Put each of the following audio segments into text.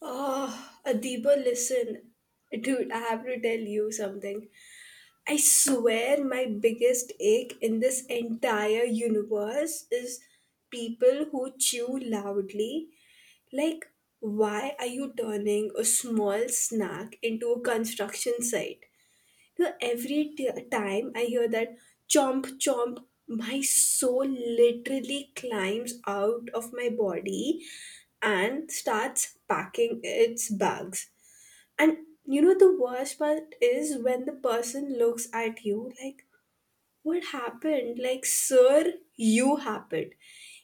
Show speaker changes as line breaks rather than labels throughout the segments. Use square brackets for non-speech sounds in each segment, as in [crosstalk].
Oh, Adiba, listen. Dude, I have to tell you something. I swear my biggest ache in this entire universe is people who chew loudly. Like, why are you turning a small snack into a construction site? You know, every time I hear that chomp chomp, my soul literally climbs out of my body and starts packing its bags, and you know, the worst part is when the person looks at you like, what happened? Like, sir, you happened.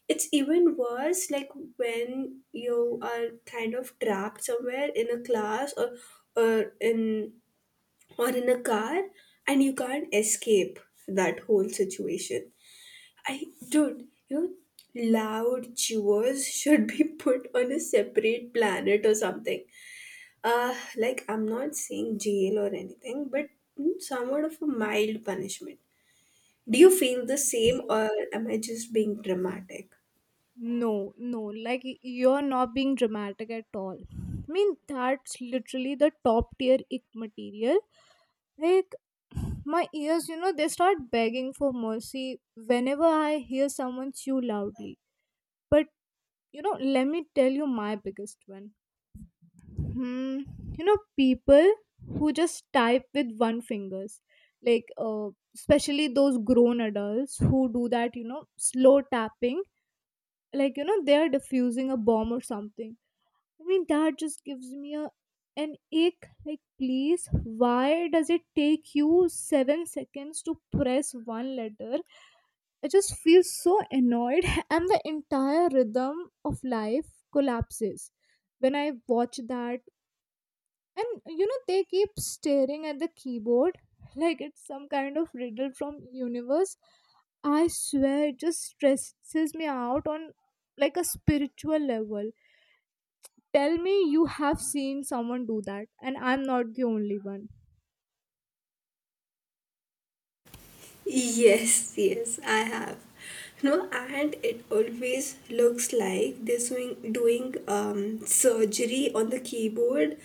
It's even worse, like, when you are kind of trapped somewhere in a class, or in or in a car and you can't escape that whole situation. You know, loud chewers [laughs] should be put on a separate planet or something. Like, I'm not saying jail or anything, but somewhat of a mild punishment. Do you feel the same, or am I just being dramatic?
No, you're not being dramatic at all. I mean, that's literally the top tier ick material. Like, my ears, you know, they start begging for mercy whenever I hear someone chew loudly. But, you know, let me tell you my biggest one. Hmm, you know, people who just type with one fingers. Like, especially those grown adults who do that, you know, slow tapping like you know they are diffusing a bomb or something. I mean, that just gives me a an ache. Like, please, why does it take you 7 seconds to press one letter? I just feel so annoyed, [laughs] and the entire rhythm of life collapses when I watch that. And you know, they keep staring at the keyboard [laughs] like it's some kind of riddle from universe. I swear it just stresses me out on like a spiritual level. Tell me you have seen someone do that and I'm not the only one.
Yes, yes, I have. No, and it always looks like they're doing surgery on the keyboard,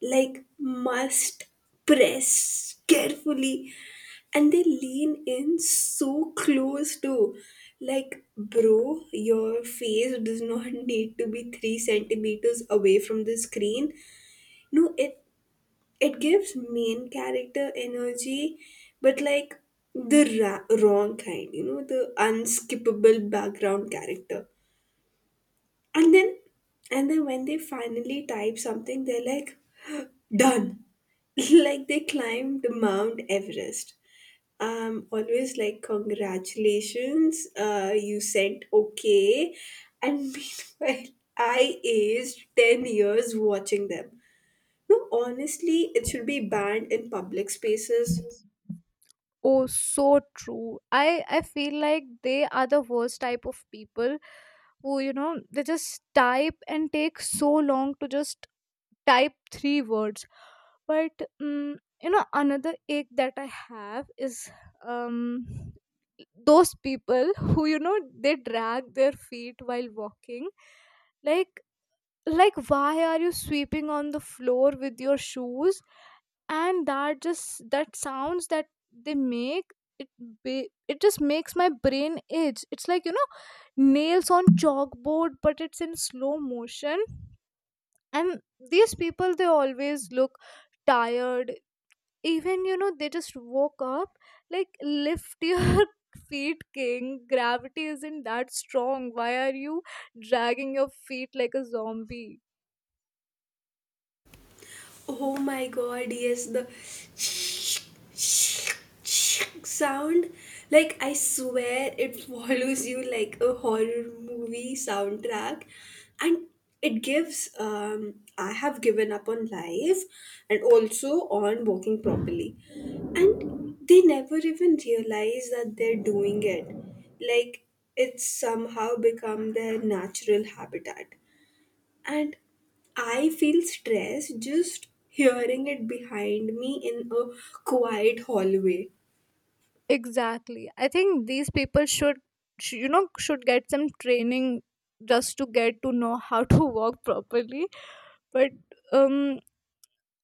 like must press carefully. And they lean in so close to, like, bro, your face does not [laughs] need to be three centimeters away from the screen. No, it gives main character energy, but like the wrong kind, you know, the unskippable background character. And then and then when they finally type something, they're like [gasps] done. [laughs] Like they climbed Mount Everest. Always like, congratulations, you sent okay. And [laughs] meanwhile I aged 10 years watching them. No, honestly, it should be banned in public spaces.
Oh, so true. I feel like they are the worst type of people who, you know, they just type and take so long to just type 3 words. But, you know, another ache that I have is, um those people who, you know, they drag their feet while walking. Like like why are you sweeping on the floor with your shoes? And that sounds that they make it ba- it just makes my brain itch. It's like, you know, nails on chalkboard, but it's in slow motion. And these people, they always look tired, even you know they just woke up. Like, lift your [laughs] feet, king. Gravity isn't that strong. Why are you dragging your feet like a zombie?
Oh my god, yes, the [sniffs] sound. Like, I swear it follows you like a horror movie soundtrack. And it gives, I have given up on life and also on walking properly. And they never even realize that they're doing it. Like, it's somehow become their natural habitat, and I feel stressed just hearing it behind me in a quiet hallway.
Exactly, I think these people should you know, should get some training just to get to know [laughs] how to walk properly. but um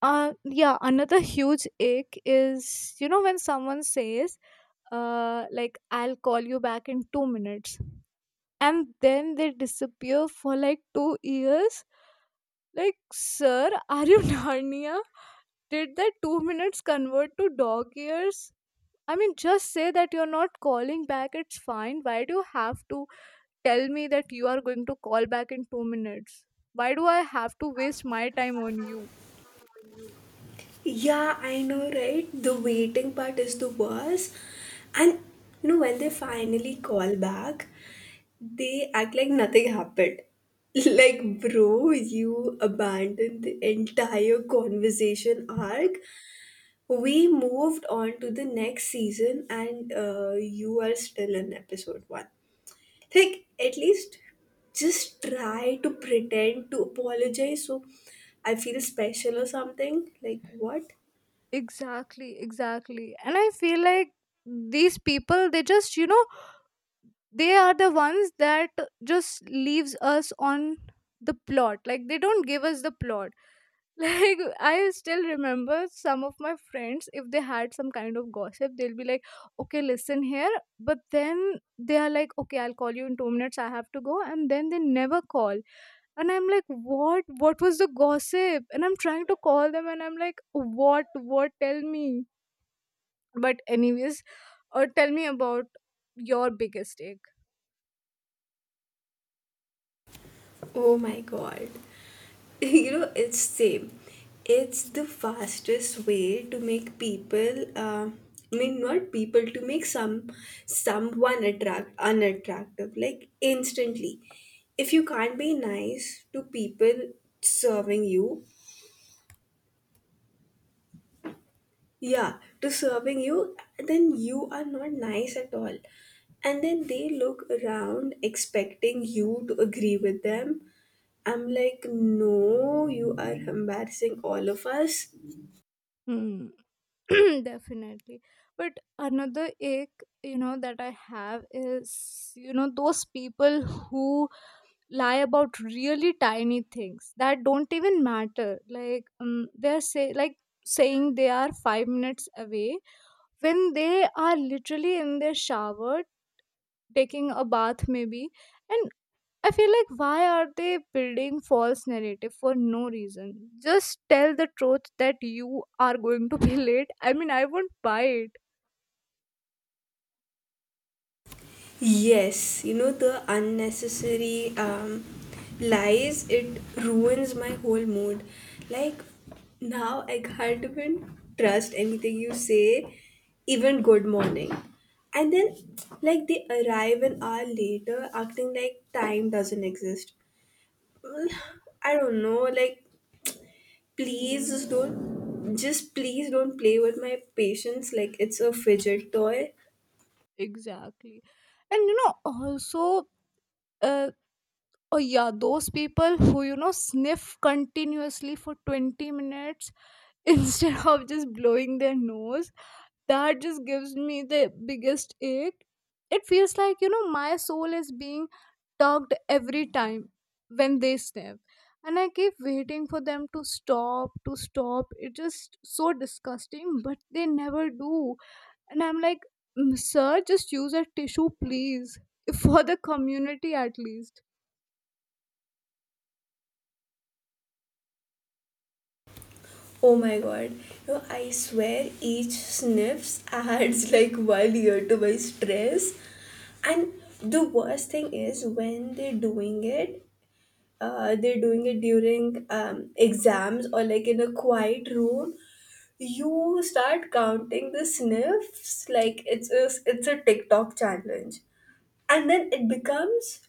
uh yeah, another huge ache is, you know, when someone says, like, "I'll call you back in 2 minutes," and then they disappear for like 2 years. Like, sir, are you [laughs] Narnia? Did that 2 minutes convert to dog years? I mean, just say that you're not calling back, it's fine. Why do you have to tell me that you are going to call back in 2 minutes? Why do I have to waste my time on you?
Yeah, I know, right? The waiting part is the worst. And you know, when they finally call back, they act like nothing happened. [laughs] Like, bro, you abandoned the entire conversation arc. We moved on to the next season, and you are still in episode one. Like, at least just try to pretend to apologize so I feel special or something. Like, what?
Exactly, exactly. And I feel like these people, they just, you know, they are the ones that just leaves us on the plot. Like, they don't give us the plot. [laughs] Like, I still remember some of my friends, if they had some kind of gossip, they'll be like, "Okay, listen here." But then they are like, "Okay, I'll call you in 2 minutes, I have to go," and then they never call. And I'm like, what was the gossip? And I'm trying to call them, and I'm like, what, tell me. But anyways, tell me about your biggest take.
Oh my god. [laughs] You know, it's same. It's the fastest way to make people, I mean, not people, to make some someone attract unattractive, like, instantly. If you can't be nice to people serving you, serving you, then you are not nice at all. And then they look around expecting you to agree with them. I'm like, no, you are embarrassing all of us.
Hmm. [laughs] [clears throat] Definitely. But another ache, you know, that I have is, you know, those people who lie about really tiny things that don't even matter. Like, they're say like saying they are 5 minutes away when they are literally in their shower taking a bath maybe. And I feel like, why are they building false narrative for no reason? Just tell the truth that you are going to be [laughs] late. I mean, I won't buy it.
Yes, you know, the unnecessary lies, it ruins my whole mood. Like, now I can't even trust anything you say, even good morning. And then, like, they arrive an hour later acting like time doesn't exist. Well, I don't know, like, please just don't, just please don't play with my patience like it's a fidget toy.
Exactly. And you know also, uh, oh yeah, those people who, you know, sniff continuously for 20 minutes [laughs] instead of just blowing their nose. That just gives me the biggest ache. It feels like, you know, my soul is being tugged every time when they sniff. And I keep waiting for them to stop. It's just so disgusting, but they never do. And I'm like, "Mm, sir, just use a tissue, please. [laughs] For the community, at least."
Oh my god. No, I swear each sniffs adds [laughs] like 1 year to my stress. And the worst thing is when they're doing it, during exams or like in a quiet room. You start counting the sniffs like it's a TikTok challenge. And then it becomes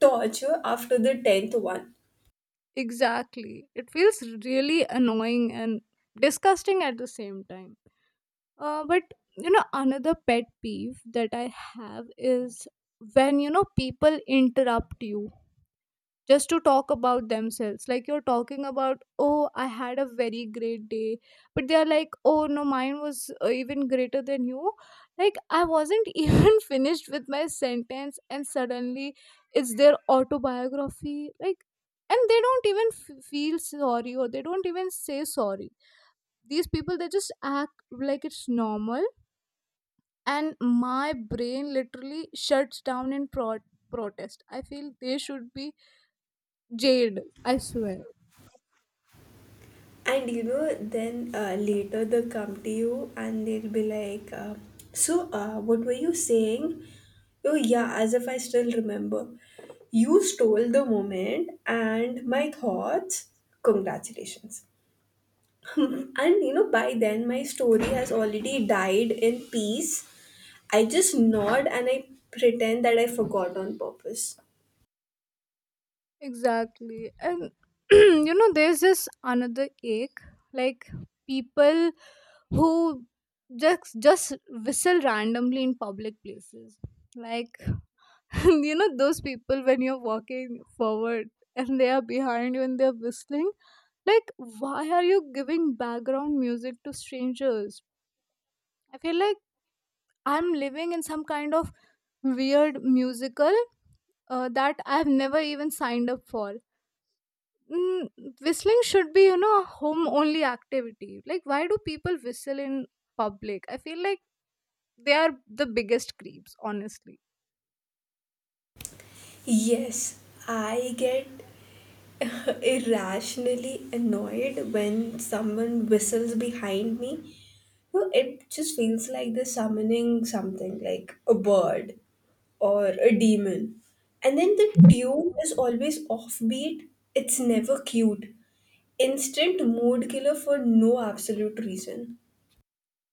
torture after the 10th one.
Exactly. It feels really annoying and disgusting at the same time. But, you know, another pet peeve that I have is when, you know, people interrupt you just to talk about themselves. Like, you're talking about, "Oh, I had a very great day," but they're like, "Oh no, mine was, even greater than you." Like, I wasn't [laughs] even finished with my sentence and suddenly it's their autobiography. Like, and they don't even feel sorry, or they don't even say sorry. These people, they just act like it's normal, and my brain literally shuts down in protest. I feel they should be jailed, I swear.
And you know, then later they'll come to you and they'll be like, so, what were you saying? Oh, yeah, as if I still remember. You stole the moment and my thoughts. Congratulations. [laughs] And you know, by then my story has already died in peace. I just nod and I pretend that I forgot on purpose.
Exactly. And [clears throat] you know, there's just another ache. Like, people who just whistle randomly in public places. Like, [laughs] you know, those people when you're walking forward and they are behind you and they're whistling. Like, why are you giving background music to strangers? I feel like I'm living in some kind of weird musical, that I've never even signed up for. Mm, whistling should be, you know, a home only activity. Like, why do people whistle in public? I feel like they are the biggest creeps, honestly.
Yes, I get [laughs] irrationally annoyed when someone whistles behind me. No, it just feels like they're summoning something like a bird or a demon. And then the tune is always offbeat, it's never cute. Instant mood killer for no absolute reason.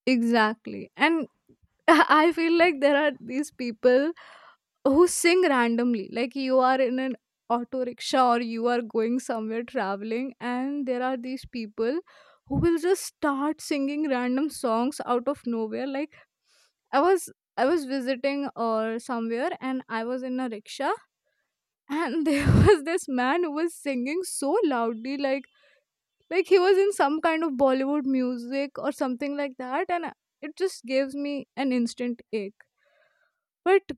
Exactly. And [laughs] I feel like there are these people who sing randomly. Like, you are in an auto rickshaw or you are going somewhere traveling, and there are these people who will just start singing random songs out of nowhere. Like, i was I was visiting or somewhere and I was in a rickshaw, and there [laughs] was this man who was singing so loudly, like he was in some kind of bollywood music or something like that. And it just gives me an instant ache. But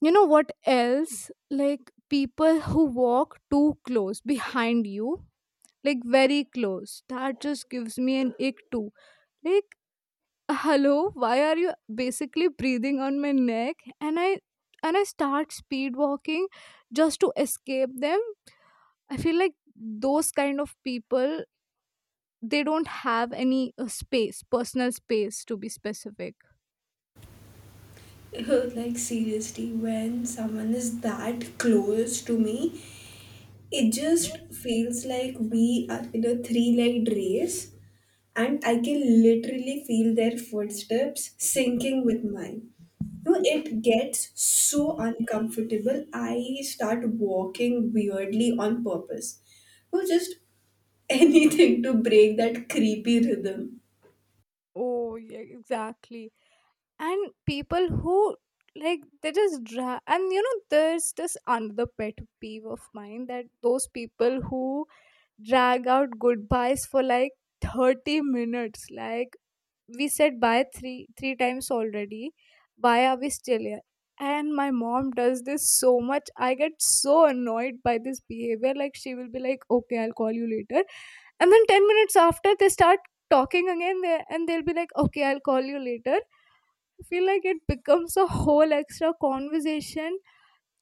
you know what else, like people who walk too close behind you, like very close, that just gives me an ache too. Like, hello, why are you basically breathing on my neck? And i and i start speed walking just to escape them. I feel like those kind of people, they don't have any space, personal space to be specific.
[laughs] Like, seriously, when someone is that close to me, it just feels like we are in a three legged race and I can literally feel their footsteps sinking with mine. No, it gets so uncomfortable. I start walking weirdly on purpose. No, just [laughs] anything to break that creepy rhythm.
Oh, yeah, exactly. And people who, and you know, there's this another pet peeve of mine, that those people who drag out goodbyes for like 30 minutes. Like, we said bye three times already, why are we still here? And my mom does this so much, I get so annoyed by this behavior. Like, she will be like, "Okay, I'll call you later," and then 10 minutes after they start talking again, and they'll be like, "Okay, I'll call you later." I feel like it becomes a whole extra conversation.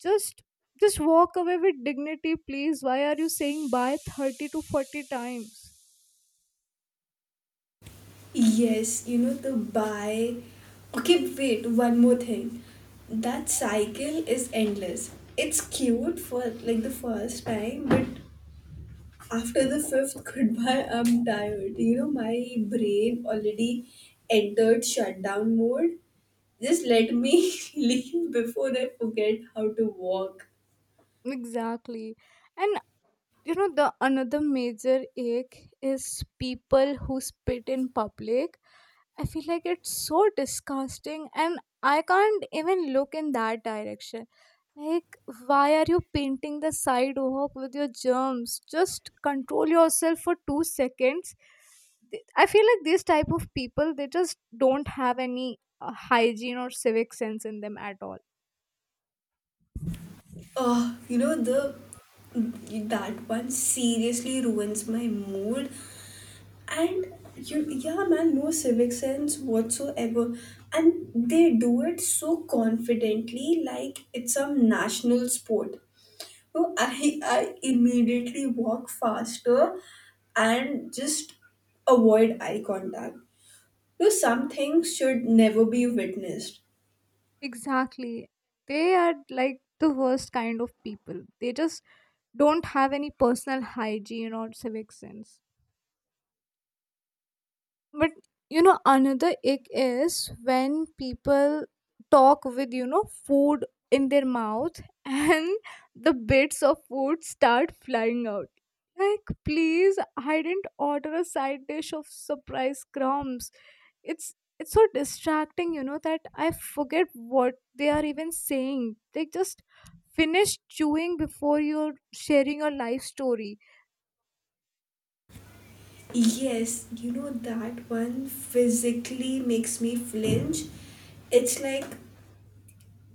just just walk away with dignity, please. Why are you saying bye 30 to 40 times?
Yes, you know the buy. Okay, wait. One more thing. That cycle is endless. It's cute for like the first time, but after the fifth [laughs] goodbye, I'm tired. You know, my brain already entered shutdown mode. Just let me [laughs] leave before I forget how to walk.
Exactly. And you know, the another major ache is people who spit in public. I feel like it's so disgusting, and I can't even look in that direction. Like, why are you painting the sidewalk with your germs? Just control yourself for 2 seconds. I feel like these type of people, they just don't have any, hygiene or civic sense in them at all.
Oh, you know, the that one seriously ruins my mood. And yeah, man, no civic sense whatsoever. And they do it so confidently, like it's some national sport. So I immediately walk faster and just avoid eye contact. So some things should never be witnessed.
Exactly. They are like the worst kind of people. They just don't have any personal hygiene or civic sense. But you know, another ick is when people talk with, you know, food in their mouth [laughs] and the bits of food start flying out. Like, please, I didn't order a side dish of surprise crumbs. It's it's so distracting, you know, that I forget what they are even saying. They just finish chewing before you're sharing your life story.
Yes, you know that one physically makes me flinch. It's like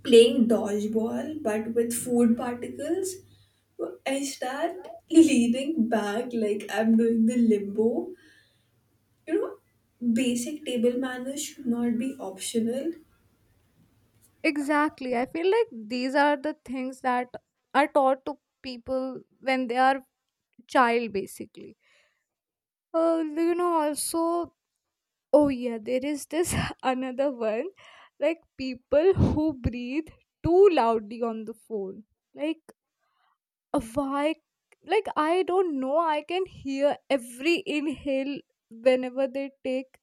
playing dodgeball but with food particles. So I start leaning back like I'm doing the limbo. You know, basic table manners should not be optional.
Exactly. I feel like these are the things that are taught to people when they are child basically. You know also, oh yeah, there is this [laughs] another one, like people who breathe too loudly on the phone. Like, why, like, I don't know, I can hear every inhale whenever they take.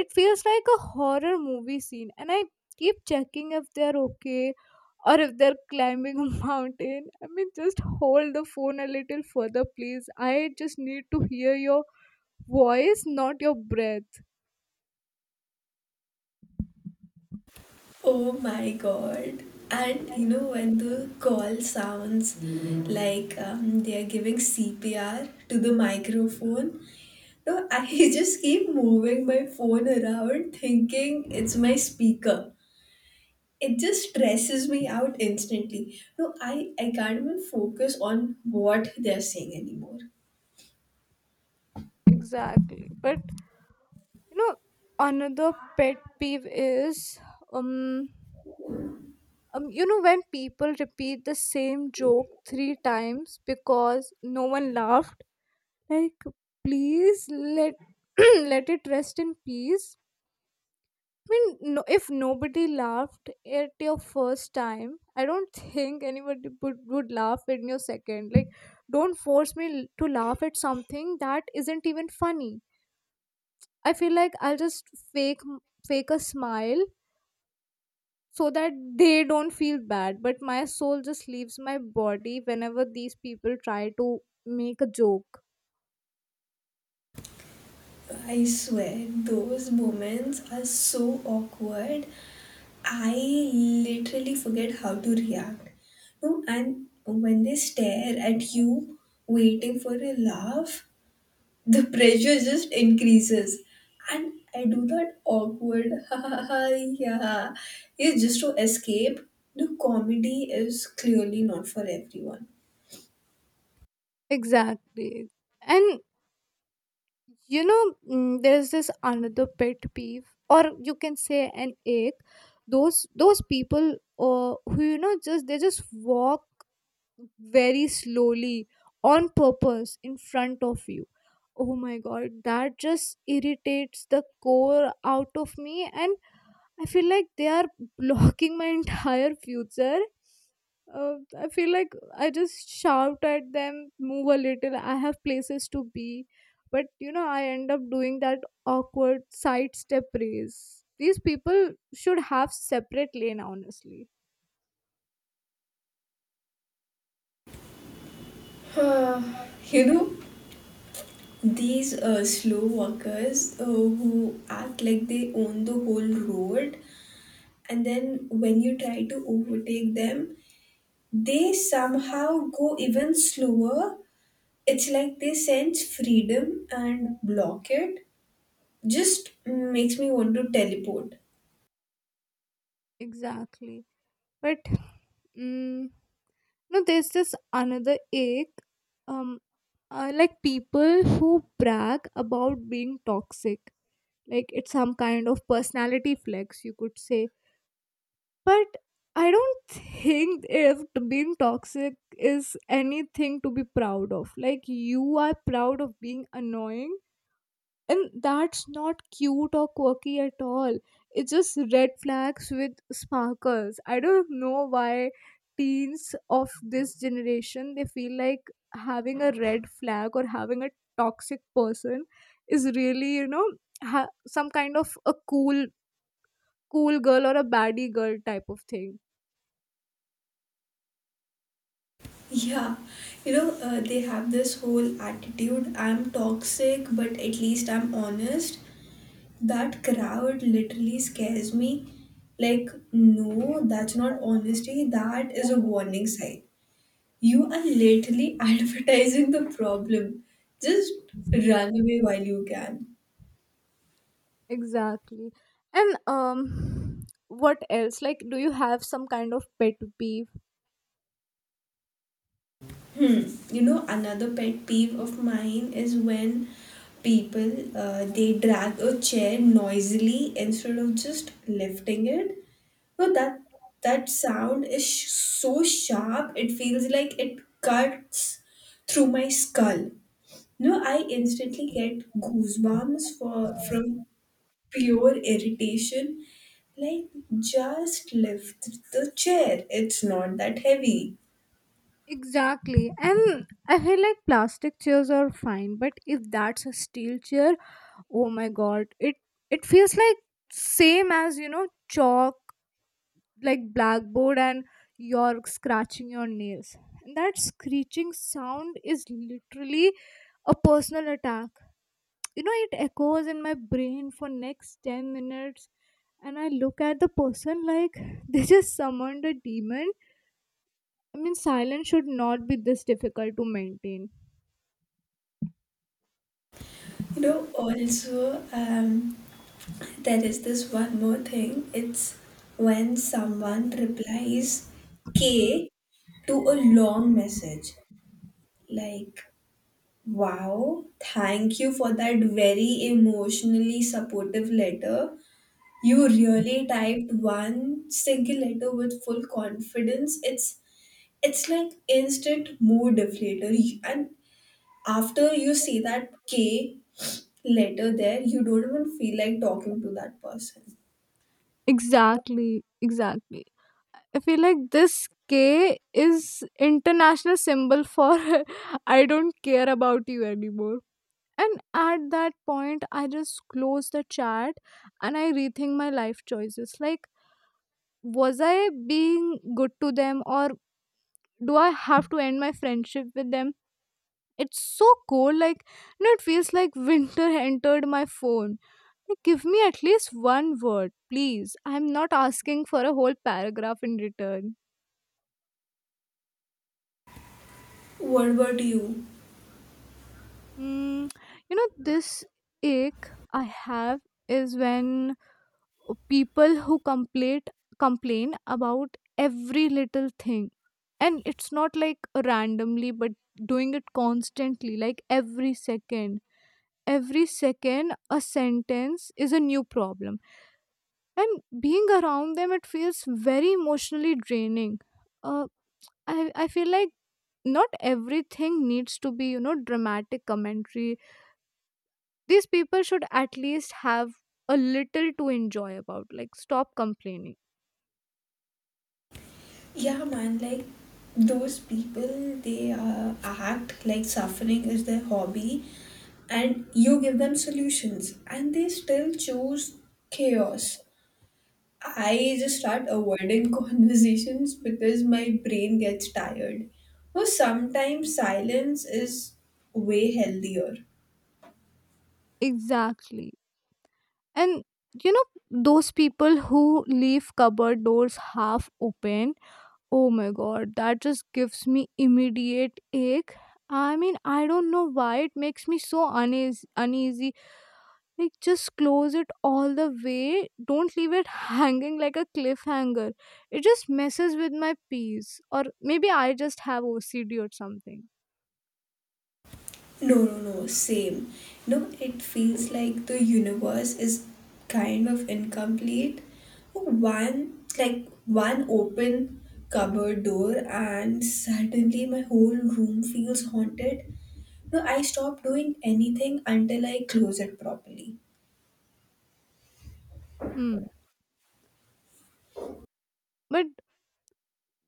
It feels like a horror movie scene, and I keep checking if they're okay or if they're climbing a [laughs] mountain. I mean, just hold the phone a little further, please. I just need to hear your voice, not your breath.
Oh my God. And you know, when the call sounds like they are giving CPR to the microphone, no, I [laughs] just keep moving my phone around thinking it's my speaker. It just stresses me out instantly. No, I can't even focus on what they're saying anymore.
Exactly. But you know, another pet peeve is, um um, you know, when people repeat the same joke 3 times because no one laughed. Like, please, let [clears throat] let it rest in peace. I mean, no, if nobody laughed at your first time, I don't [laughs] think anybody would laugh at your second. Like, don't force me to laugh at something that isn't even funny. I feel like I'll just fake m- fake a smile so that they don't feel bad. But my soul just leaves my body whenever these people try to make a joke.
I swear, those moments are so awkward. I literally forget how to react. No, and when they stare at you waiting for a laugh, the pressure just increases. And I do that awkward [laughs] ha ha ha, yeah. It's just to escape. The comedy is clearly not for everyone.
Exactly. And there's this another pet peeve, or you can say an ache. Those people who just they just walk very slowly on purpose in front of you. Oh my god, that just irritates the core out of me, and I feel like they are [laughs] blocking my entire future. I feel like I just shout at them, move a little. I have places to be, but you know, I end up doing that awkward sidestep race. These people should have separate lane, honestly.
[sighs] You know, these slow walkers who act like they own the whole road, and then when you try to overtake them, they somehow go even slower. It's like they sense freedom and block it. Just makes me want to teleport.
Exactly, but mm, no, there's this another ache. Um, like people who brag about being toxic, like it's some kind of personality flex, you could say. But I don't think if being toxic is anything to be proud of. Like, you are proud of being annoying, and that's not cute or quirky at all. It's just red flags with sparkles. I don't know why teens of this generation they feel like having a red flag or having a toxic person is really, you know, some kind of a cool girl or a baddie girl type of thing.
Yeah, you know, they have this whole attitude, I'm toxic, but at least I'm honest. That crowd literally scares me. Like, no, that's not honesty. That is a warning sign. You are literally [laughs] advertising the problem. Just run away while you can.
Exactly. And What else? Like, do you have some kind of pet peeve?
Hmm. You know, another pet peeve of mine is when people they drag a chair noisily instead of just lifting it. No, that sound is so sharp. It feels like it cuts through my skull. No, I instantly get goosebumps for from pure irritation. Like, just lift the chair. It's not that heavy.
Exactly. And I feel like plastic chairs are fine, but if that's a steel chair, oh my god, it feels like same as, you know, chalk, like blackboard and you're scratching your nails. And that screeching sound is literally a personal attack. You know, it echoes in my brain for next 10 minutes, and I look at the person like [laughs] they just summoned a demon. I mean, silence should not be this difficult to maintain.
You know. Also, there is this one more thing. It's when someone replies K to a long message, like, wow, thank you for that very emotionally supportive letter. You really typed one single letter with full confidence. It's like instant mood deflator. And after you see that K letter there, you don't even feel like talking to that person.
Exactly, exactly. I feel like this K is international symbol for [laughs] I don't care about you anymore. And at that point, I just close the chat and I rethink my life choices. Like, was I being good to them, or do I have to end my friendship with them? It's so cold, like, you know, it feels like winter [laughs] entered my phone. Like, give me at least one word, please. I'm not asking for a whole paragraph in return.
What about you?
Mm, you know, this ache I have is when people who complain complain about every little thing, and it's not like randomly but doing it constantly, like every second. Every second a sentence is a new problem, and being around them it feels very emotionally draining. uh, I feel like not everything needs to be, you know, dramatic commentary. These people should at least have a little to enjoy about. Like, stop complaining.
Yeah, man, like those people, they act like suffering is their hobby, and you give them solutions, and they still choose chaos. I just start avoiding [laughs] conversations because my brain gets tired. Or sometimes silence is way healthier.
Exactly. And you know, those people who leave cupboard doors half open, oh my god, that just gives me immediate ache. I mean, I don't know why it makes me so uneasy. Like, just close it all the way. Don't leave it [laughs] hanging like a cliffhanger. It just messes with my peace. Or maybe I just have OCD or something.
No, same. No, it feels like the universe is kind of incomplete. One open cupboard door, and suddenly my whole room feels haunted. No, I stop doing anything until I close it properly.
Hmm. But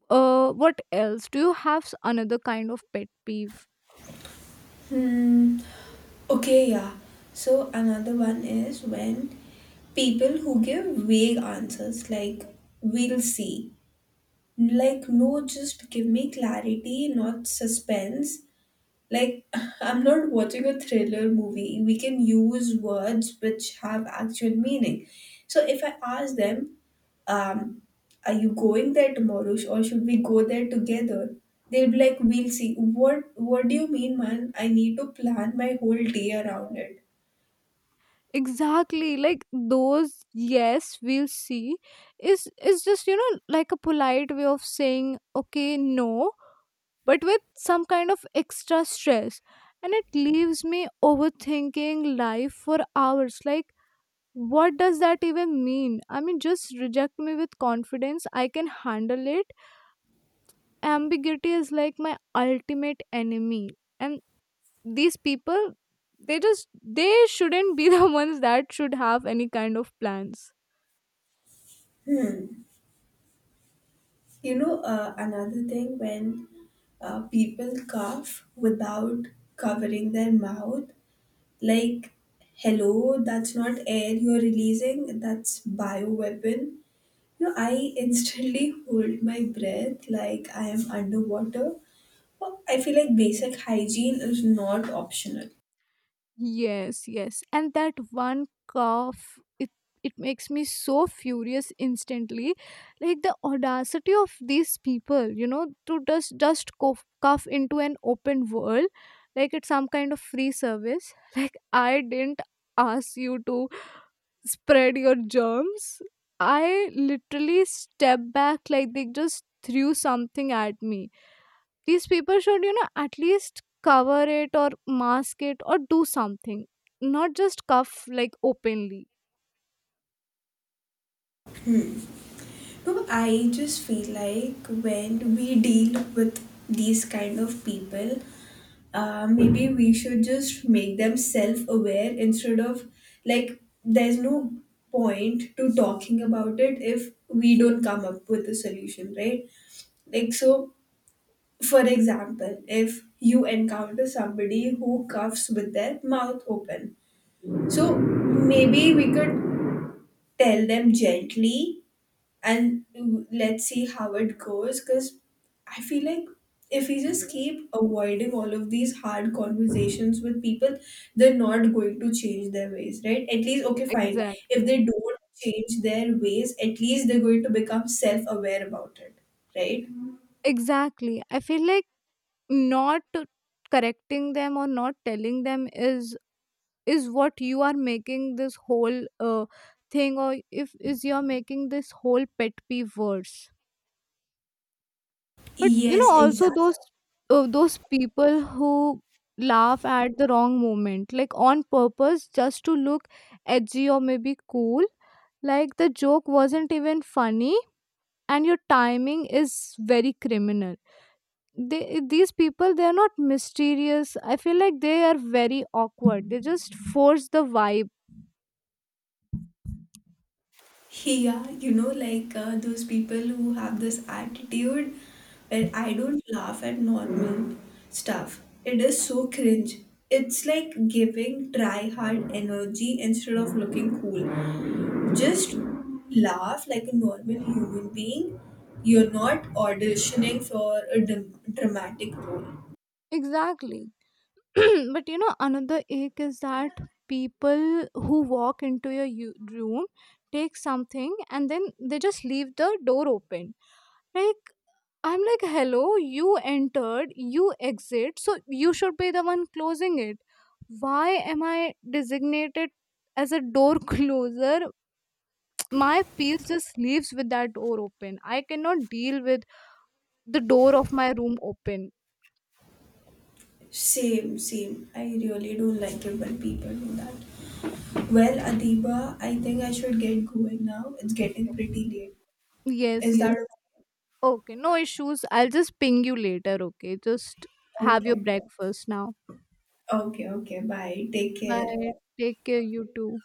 what else? Do you have another kind of pet peeve?
Hmm. Okay, yeah. So another one is when people who give vague answers like we'll see. Like, no, just give me clarity, not suspense. Like, [laughs] I'm not watching a thriller movie. We can use words which have actual meaning. So if I ask them, um, are you going there tomorrow or should we go there together? They'll be like, we'll see. What do you mean, man? I need to plan my whole day around it.
Exactly. Like those yes, we'll see is just, you know, like a polite way of saying okay, no, but with some kind of extra stress. And it leaves me overthinking life for hours, like, what does that even mean? I mean, just reject me with confidence. I can handle it. Ambiguity is like my ultimate enemy. And these people, they shouldn't be [laughs] the ones that should have any kind of plans.
Hmm. You know, another thing when people cough without covering their mouth. Like, hello, that's not air you're releasing, that's bioweapon. You know, I instantly [laughs] hold my breath like I am underwater. Well, I feel like basic hygiene is not optional.
Yes, yes. And that one cough, it makes me so furious instantly. Like, the audacity of these people, you know, to just cough, cough into an open world, like it's some kind of free service. I didn't ask you to spread your germs. I literally stepped back like they just threw something at me. These people should, you know, at least cover it or mask it or do something, not just cuff like openly.
No, I just feel like when we deal with these kind of people, maybe we should just make them self-aware instead of, like, there's no point to talking about it if we don't come up with a solution, right? Like, so, for example, if you encounter somebody who coughs with their mouth open, so maybe we could tell them gently and let's see how it goes. Because I feel like if we just keep avoiding all of these hard conversations with people, they're not going to change their ways, right? At least, okay, fine. If
Exactly.
they don't change their ways, at least they're going to become self aware about it, right?
Exactly. I feel like not correcting them or not telling them is what you are making this whole thing. Or if is, you're making this whole pet peeve worse. But you know,
Yes,
also
exactly.
those people who laugh at the wrong moment, like on purpose, just to look edgy or maybe cool. Like, the joke wasn't even funny, and your timing is very criminal. These people, they are not mysterious. I feel like they are very awkward. They just force the vibe.
Yeah, you know, like, those people who have this attitude where I don't laugh at normal stuff. It is so cringe. It's like giving try hard energy instead of looking cool. Just laugh like a normal human being. You're not auditioning for a dramatic role.
Exactly. [clears throat] But you know, another ache is that people who walk into your room, take something, and then they just leave the door open. Like, I'm like, hello, you entered, you exit, so you should be the one closing it. Why am I designated as a door [laughs] closer? My piece just leaves with that door open. I cannot deal with the door of my room open.
Same, same. I really don't like it when people do that. Well, Adiba, I think I should get going now. It's getting pretty late.
Yes,
Is
yes.
that
Okay, no issues. I'll just ping you later, okay? Just have your
okay?
breakfast now.
Okay, okay. Bye. Take care.
Bye. Take care, you too.